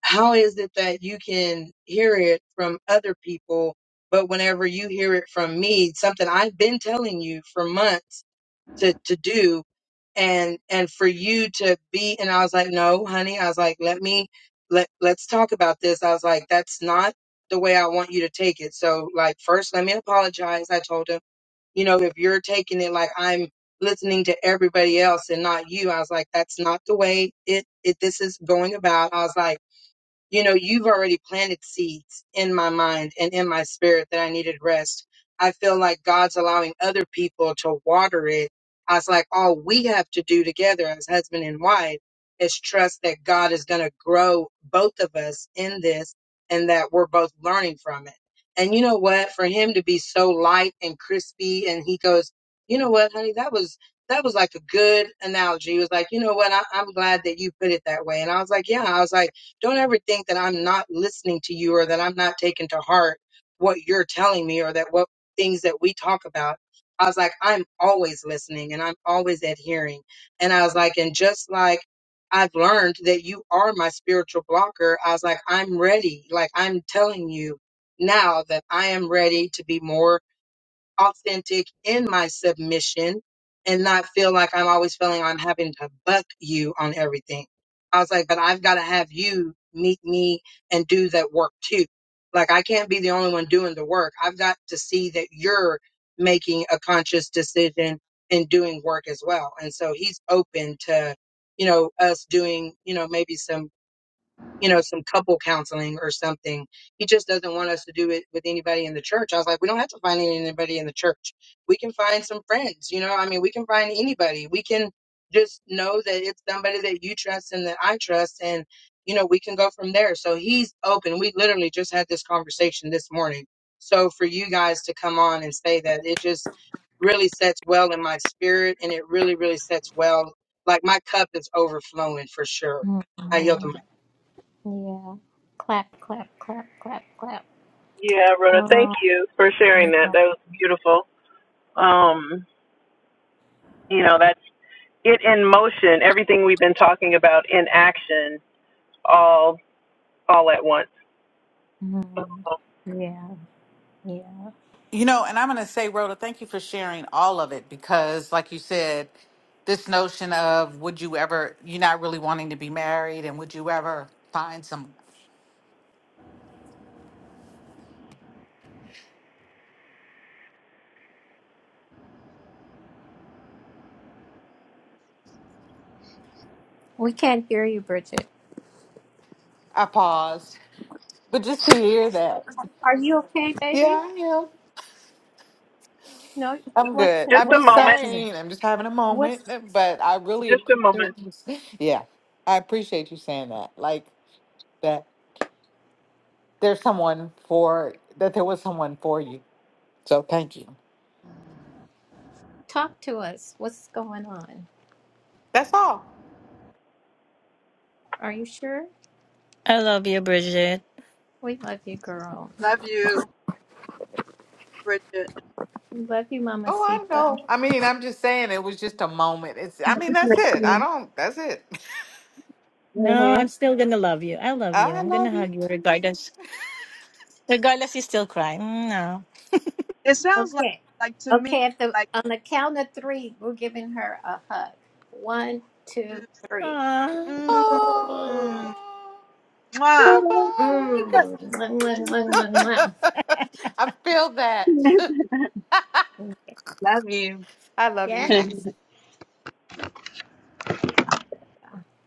Speaker 8: how is it that you can hear it from other people, but whenever you hear it from me, something I've been telling you for months? to to do and and for you to be and I was like, "No, honey." I was like, "Let me let let's talk about this." I was like, "That's not the way I want you to take it." So like first, let me apologize. I told him, "You know, if you're taking it like I'm listening to everybody else and not you." I was like, "That's not the way it it this is going about." I was like, you know, you've already planted seeds in my mind and in my spirit that I needed rest. I feel like God's allowing other people to water it. I was like, all we have to do together as husband and wife is trust that God is going to grow both of us in this and that we're both learning from it. And you know what? For him to be so light and crispy, and he goes, you know what, honey, that was. That was like a good analogy. He was like, you know what? I, I'm glad that you put it that way. And I was like, yeah. I was like, don't ever think that I'm not listening to you or that I'm not taking to heart what you're telling me or that what things that we talk about. I was like, I'm always listening and I'm always adhering. And I was like, and just like I've learned that you are my spiritual blocker, I was like, I'm ready. Like I'm telling you now that I am ready to be more authentic in my submission and not feel like I'm always feeling I'm having to buck you on everything. I was like, but I've got to have you meet me and do that work too. Like, I can't be the only one doing the work. I've got to see that you're making a conscious decision and doing work as well. And so he's open to, you know, us doing, you know, maybe some you know, some couple counseling or something. He just doesn't want us to do it with anybody in the church. I was like, we don't have to find anybody in the church. We can find some friends, you know, I mean, we can find anybody. We can just know that it's somebody that you trust and that I trust. And, you know, we can go from there. So he's open. We literally just had this conversation this morning. So for you guys to come on and say that it just really sets well in my spirit and it really, really sets well. Like my cup is overflowing for sure. I yield the
Speaker 4: Mhm.
Speaker 8: mic.
Speaker 4: Yeah. Clap, clap, clap, clap, clap.
Speaker 7: Yeah, Rhoda, thank
Speaker 4: Oh,
Speaker 7: you for
Speaker 4: yeah.
Speaker 7: sharing that. That was beautiful. Um, you know, that it in motion, everything we've been talking about in action, all all at once.
Speaker 4: Mhm. yeah, yeah.
Speaker 2: you know and i'm going to say rhoda thank you for sharing all of it because like you said this notion of would you ever you're not really wanting to be married and would you ever find some
Speaker 4: We can't hear you, Bridget.
Speaker 2: i paused but just to hear that
Speaker 4: Are you okay,
Speaker 2: yeah
Speaker 4: baby?
Speaker 2: i am
Speaker 4: No.
Speaker 2: I'm
Speaker 4: What's
Speaker 2: good.
Speaker 7: Just
Speaker 2: I'm
Speaker 7: a
Speaker 4: what's
Speaker 2: just
Speaker 7: moment.
Speaker 4: happening?
Speaker 2: saying, I'm just having a moment, but I really
Speaker 7: Just a moment.
Speaker 2: appreciate you. s- Yeah, I appreciate you saying that. Like that there's someone for that there was someone for you. So thank you.
Speaker 4: Talk to us. What's going on?
Speaker 2: That's all.
Speaker 4: Are you sure?
Speaker 5: I love you, Bridget.
Speaker 4: We love you, girl.
Speaker 3: Love you, Bridget.
Speaker 4: We love you,
Speaker 2: Oh, I
Speaker 4: Mamacita.
Speaker 2: know. I mean, I'm just saying it was just a moment. It's I mean, that's it. I don't that's it.
Speaker 5: No, I'm
Speaker 7: hmm
Speaker 5: still gonna love you. I love you.
Speaker 2: I
Speaker 5: I'm gonna
Speaker 2: love
Speaker 5: hug
Speaker 2: you
Speaker 5: you
Speaker 2: too.
Speaker 5: regardless. Regardless, you still cry. Mm, No.
Speaker 3: It sounds like,
Speaker 4: Okay.
Speaker 3: like to me,
Speaker 4: Okay, at the
Speaker 3: like
Speaker 4: on the count of three, we're giving her a hug. One, two,
Speaker 3: to,
Speaker 4: three.
Speaker 5: Ah.
Speaker 3: mm,
Speaker 4: Mm.
Speaker 3: mm,
Speaker 2: Oh,
Speaker 3: mwah.
Speaker 2: girl
Speaker 4: Mwah, mwah,
Speaker 2: bug.
Speaker 4: mwah, mwah,
Speaker 2: I feel that.
Speaker 4: mwah.
Speaker 8: Love you.
Speaker 2: I love
Speaker 4: Yeah,
Speaker 2: you.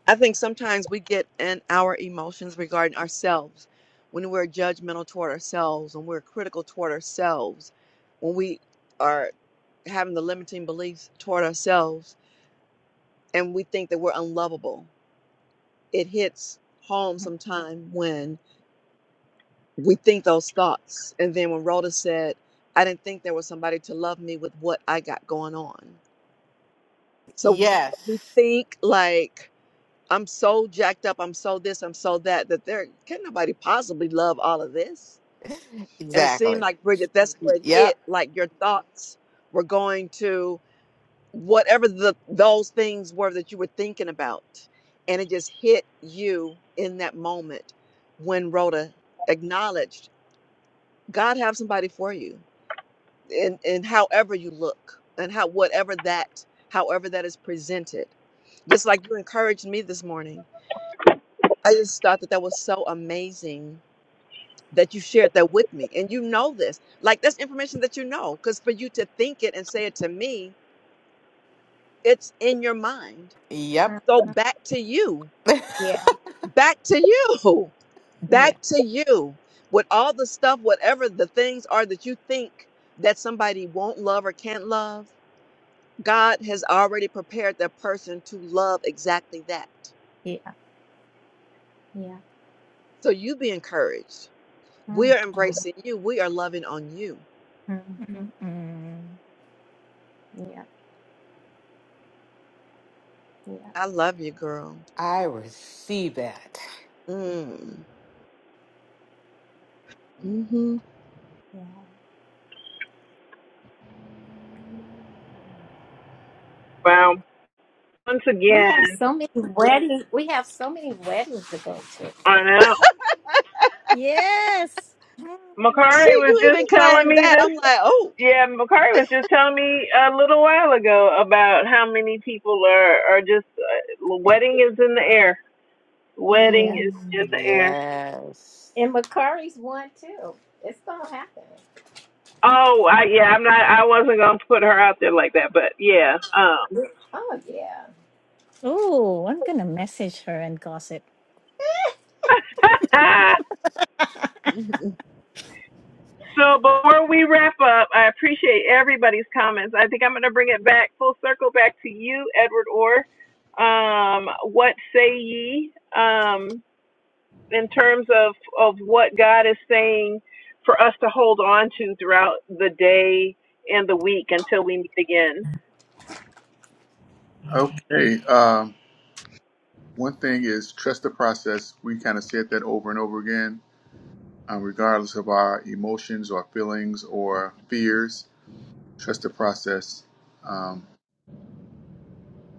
Speaker 3: I think sometimes we get in our emotions regarding ourselves when we're judgmental toward ourselves, when we're critical toward ourselves, when we are having the limiting beliefs toward ourselves and we think that we're unlovable. It hits home sometime when we think those thoughts. And then when Rhoda said, I didn't think there was somebody to love me with what I got going on. So we
Speaker 2: Yes,
Speaker 3: think like I'm so jacked up. I'm so this. I'm so that. That there can nobody possibly love all of this. And it seemed
Speaker 2: exactly.
Speaker 3: like Bridget, that's where it
Speaker 2: Yep,
Speaker 3: hit. Like your thoughts were going to whatever the those things were that you were thinking about, and it just hit you in that moment when Rhoda acknowledged God have somebody for you, and and however you look, and how whatever that however that is presented. Just like you encouraged me this morning I just thought that that was so amazing that you shared that with me. And you know this. Like, that's information that you know. Because for you to think it and say it to me, it's in your mind.
Speaker 2: yep.
Speaker 3: So back to you.
Speaker 4: yeah,
Speaker 3: Back to you. Back to you. With all the stuff, whatever the things are that you think that somebody won't love or can't love, God has already prepared that person to love exactly that.
Speaker 4: yeah, yeah.
Speaker 3: So you be encouraged. We
Speaker 4: Mm,
Speaker 3: are
Speaker 4: mm,
Speaker 3: embracing you. We are loving on you
Speaker 4: mm, mm.
Speaker 5: Mm-mm.
Speaker 4: Yeah, yeah,
Speaker 3: I love you, girl.
Speaker 2: I receive that.
Speaker 3: Mm. hmm
Speaker 4: yeah.
Speaker 7: Wow. Once
Speaker 4: We
Speaker 7: again,
Speaker 4: have so many weddings. We have so many weddings to go to.
Speaker 7: I know.
Speaker 5: Mm.
Speaker 7: Makari
Speaker 3: See,
Speaker 7: was
Speaker 3: you
Speaker 7: just
Speaker 3: even
Speaker 7: telling
Speaker 3: claimed
Speaker 7: me
Speaker 3: that.
Speaker 7: this.
Speaker 3: I'm like, oh.
Speaker 7: Yeah, Makari was just telling me a little while ago about how many people are are just uh, wedding is in the air. Wedding
Speaker 4: Yeah.
Speaker 7: is in
Speaker 5: mm.
Speaker 7: the air.
Speaker 2: Yes.
Speaker 4: And Macari's one too. It's gonna happen.
Speaker 7: Oh, I yeah, I'm not. I wasn't gonna put her out there like that, but yeah. Um.
Speaker 4: Oh yeah.
Speaker 5: Oh, I'm gonna message her and gossip.
Speaker 3: Mm.
Speaker 7: So before we wrap up, I appreciate everybody's comments. I think I'm going to bring it back full circle back to you, Edward Orr. Um, what say ye um, in terms of of what God is saying for us to hold on to throughout the day and the week until we meet again?
Speaker 1: Okay. Um, one thing is trust the process. We kind of said that over and over again, um, regardless of our emotions or feelings or fears. Trust the process, um,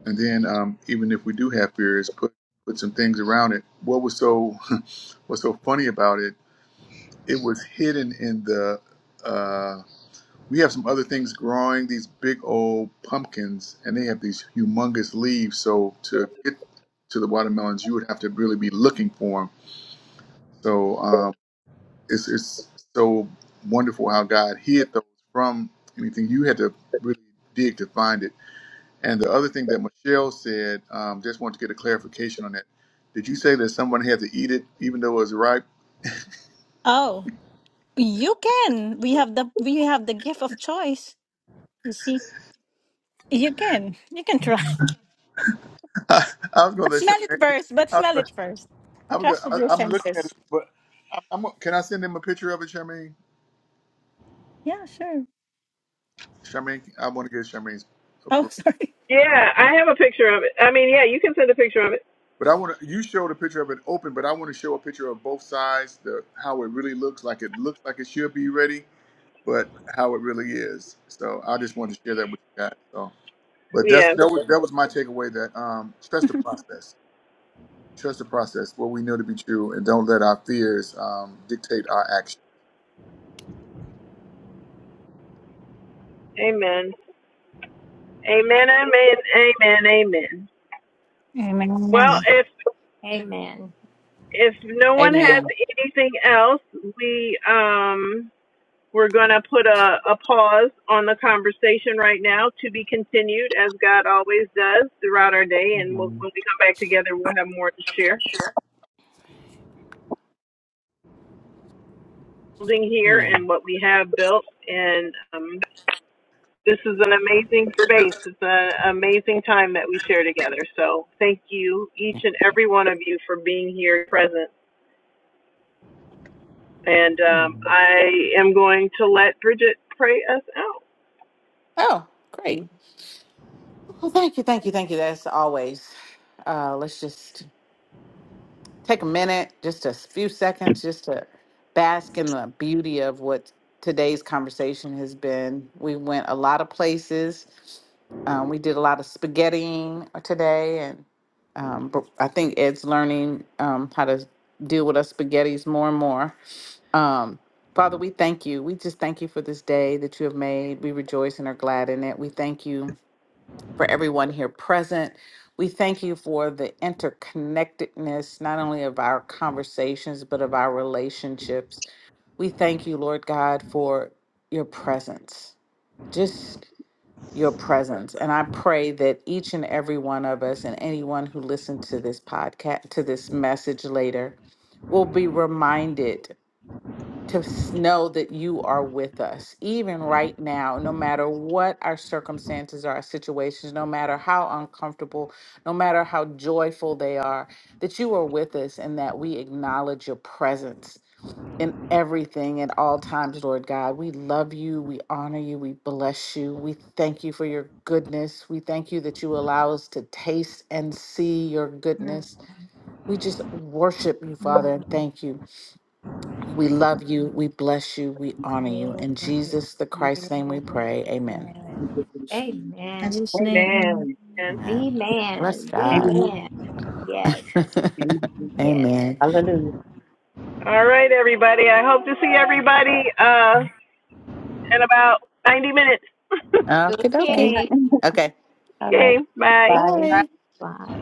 Speaker 1: and then um, even if we do have fears, put put some things around it. What was so what's so funny about it? It was hidden in the. uh, We have some other things growing, these big old pumpkins, and they have these humongous leaves. So to get to the watermelons, you would have to really be looking for them. So um, it's, it's so wonderful how God hid those from anything. You had to really dig to find it. And the other thing that Michelle said, um, just wanted to get a clarification on that. Did you say that someone had to eat it even though it was ripe?
Speaker 5: Oh, you can. We have the we have the gift of choice. You see, you can you can try.
Speaker 1: I was going
Speaker 5: But
Speaker 1: to
Speaker 5: smell it first. But
Speaker 1: let
Speaker 5: smell
Speaker 1: you.
Speaker 5: it first.
Speaker 1: I'm go-
Speaker 5: Trust with
Speaker 1: I,
Speaker 5: your
Speaker 1: I'm looking at it,
Speaker 5: senses.
Speaker 1: but I'm, I'm can I send him a picture of it, Charmaine?
Speaker 5: Yeah, sure.
Speaker 1: Charmaine, I want to get Charmaine's
Speaker 5: Oh,
Speaker 1: approval.
Speaker 5: sorry.
Speaker 7: Yeah, I have a picture of it. I mean, yeah, you can send a picture of it.
Speaker 1: But I want to. You showed a picture of it open, but I want to show a picture of both sides, the how it really looks, like it looks like it should be ready, but how it really is. So I just wanted to share that with you guys. So, but that's
Speaker 7: Yeah.
Speaker 1: that was that was my takeaway. That um, trust the process, trust the process, what we know to be true, and don't let our fears um, dictate our actions.
Speaker 7: Amen. Amen. Amen. Amen. Amen.
Speaker 5: Amen.
Speaker 7: Well, if
Speaker 4: Amen.
Speaker 7: if no one has
Speaker 2: Amen.
Speaker 7: anything else, we um we're gonna put a, a pause on the conversation right now to be continued as God always does throughout our day and we'll,
Speaker 2: Mhm.
Speaker 7: when we come back together we'll have more to share. Building here and
Speaker 2: Amen.
Speaker 7: what we have built and um this is an amazing space. It's an amazing time that we share together. So thank you each
Speaker 2: Amen.
Speaker 7: and
Speaker 4: Yeah.
Speaker 7: every one of you for being here present. And um, I am going to let Bridget pray us out.
Speaker 2: Oh, great. Well, thank you, thank you, thank you. That's always. Uh, let's just take a minute, just a few seconds, just to bask in the beauty of what today's conversation has been. We went a lot of places. Um, we did a lot of spaghettiing uh, today, and um, but I think Ed's learning um, how to deal with our spaghettis more and more. Um, Father, we thank you. We just thank you for this day that you have made. We rejoice and are glad in it. We thank you for everyone here present. We thank you for the interconnectedness, not only of our conversations, but of our relationships. We thank you, Lord God, for your presence. Just your presence. And I pray that each and every one of us and anyone who listened to this podcast, to this message later, will be reminded to s- know that you are with us, even right now, no matter what our circumstances are, our situations, no matter how uncomfortable, no matter how joyful they are, that you are with us and that we acknowledge your presence in everything at all times, Lord God. We love you. We honor you. We bless you. We thank you for your goodness. We thank you that you allow us to taste and see your goodness. We just worship you, Father, and
Speaker 4: Mhm.
Speaker 2: thank you. We love you. We bless you. We honor you.
Speaker 4: Yes.
Speaker 2: In Jesus the
Speaker 4: Yes.
Speaker 2: Christ's name we
Speaker 4: Yes.
Speaker 2: pray. Amen.
Speaker 5: In
Speaker 4: Amen.
Speaker 5: Jesus' name.
Speaker 8: Amen.
Speaker 5: Amen.
Speaker 4: The
Speaker 2: Amen.
Speaker 4: man.
Speaker 2: Bless
Speaker 4: The
Speaker 2: God.
Speaker 6: Amen.
Speaker 4: man. Yes.
Speaker 6: Amen.
Speaker 4: Yes.
Speaker 2: Amen.
Speaker 6: Hallelujah.
Speaker 7: All right, everybody. I hope to see everybody uh, in about 90 minutes.
Speaker 2: Okay, okay.
Speaker 6: Okay.
Speaker 4: Okay.
Speaker 2: Okay.
Speaker 6: All right.
Speaker 7: okay, bye.
Speaker 6: Bye.
Speaker 2: Bye.
Speaker 4: Bye.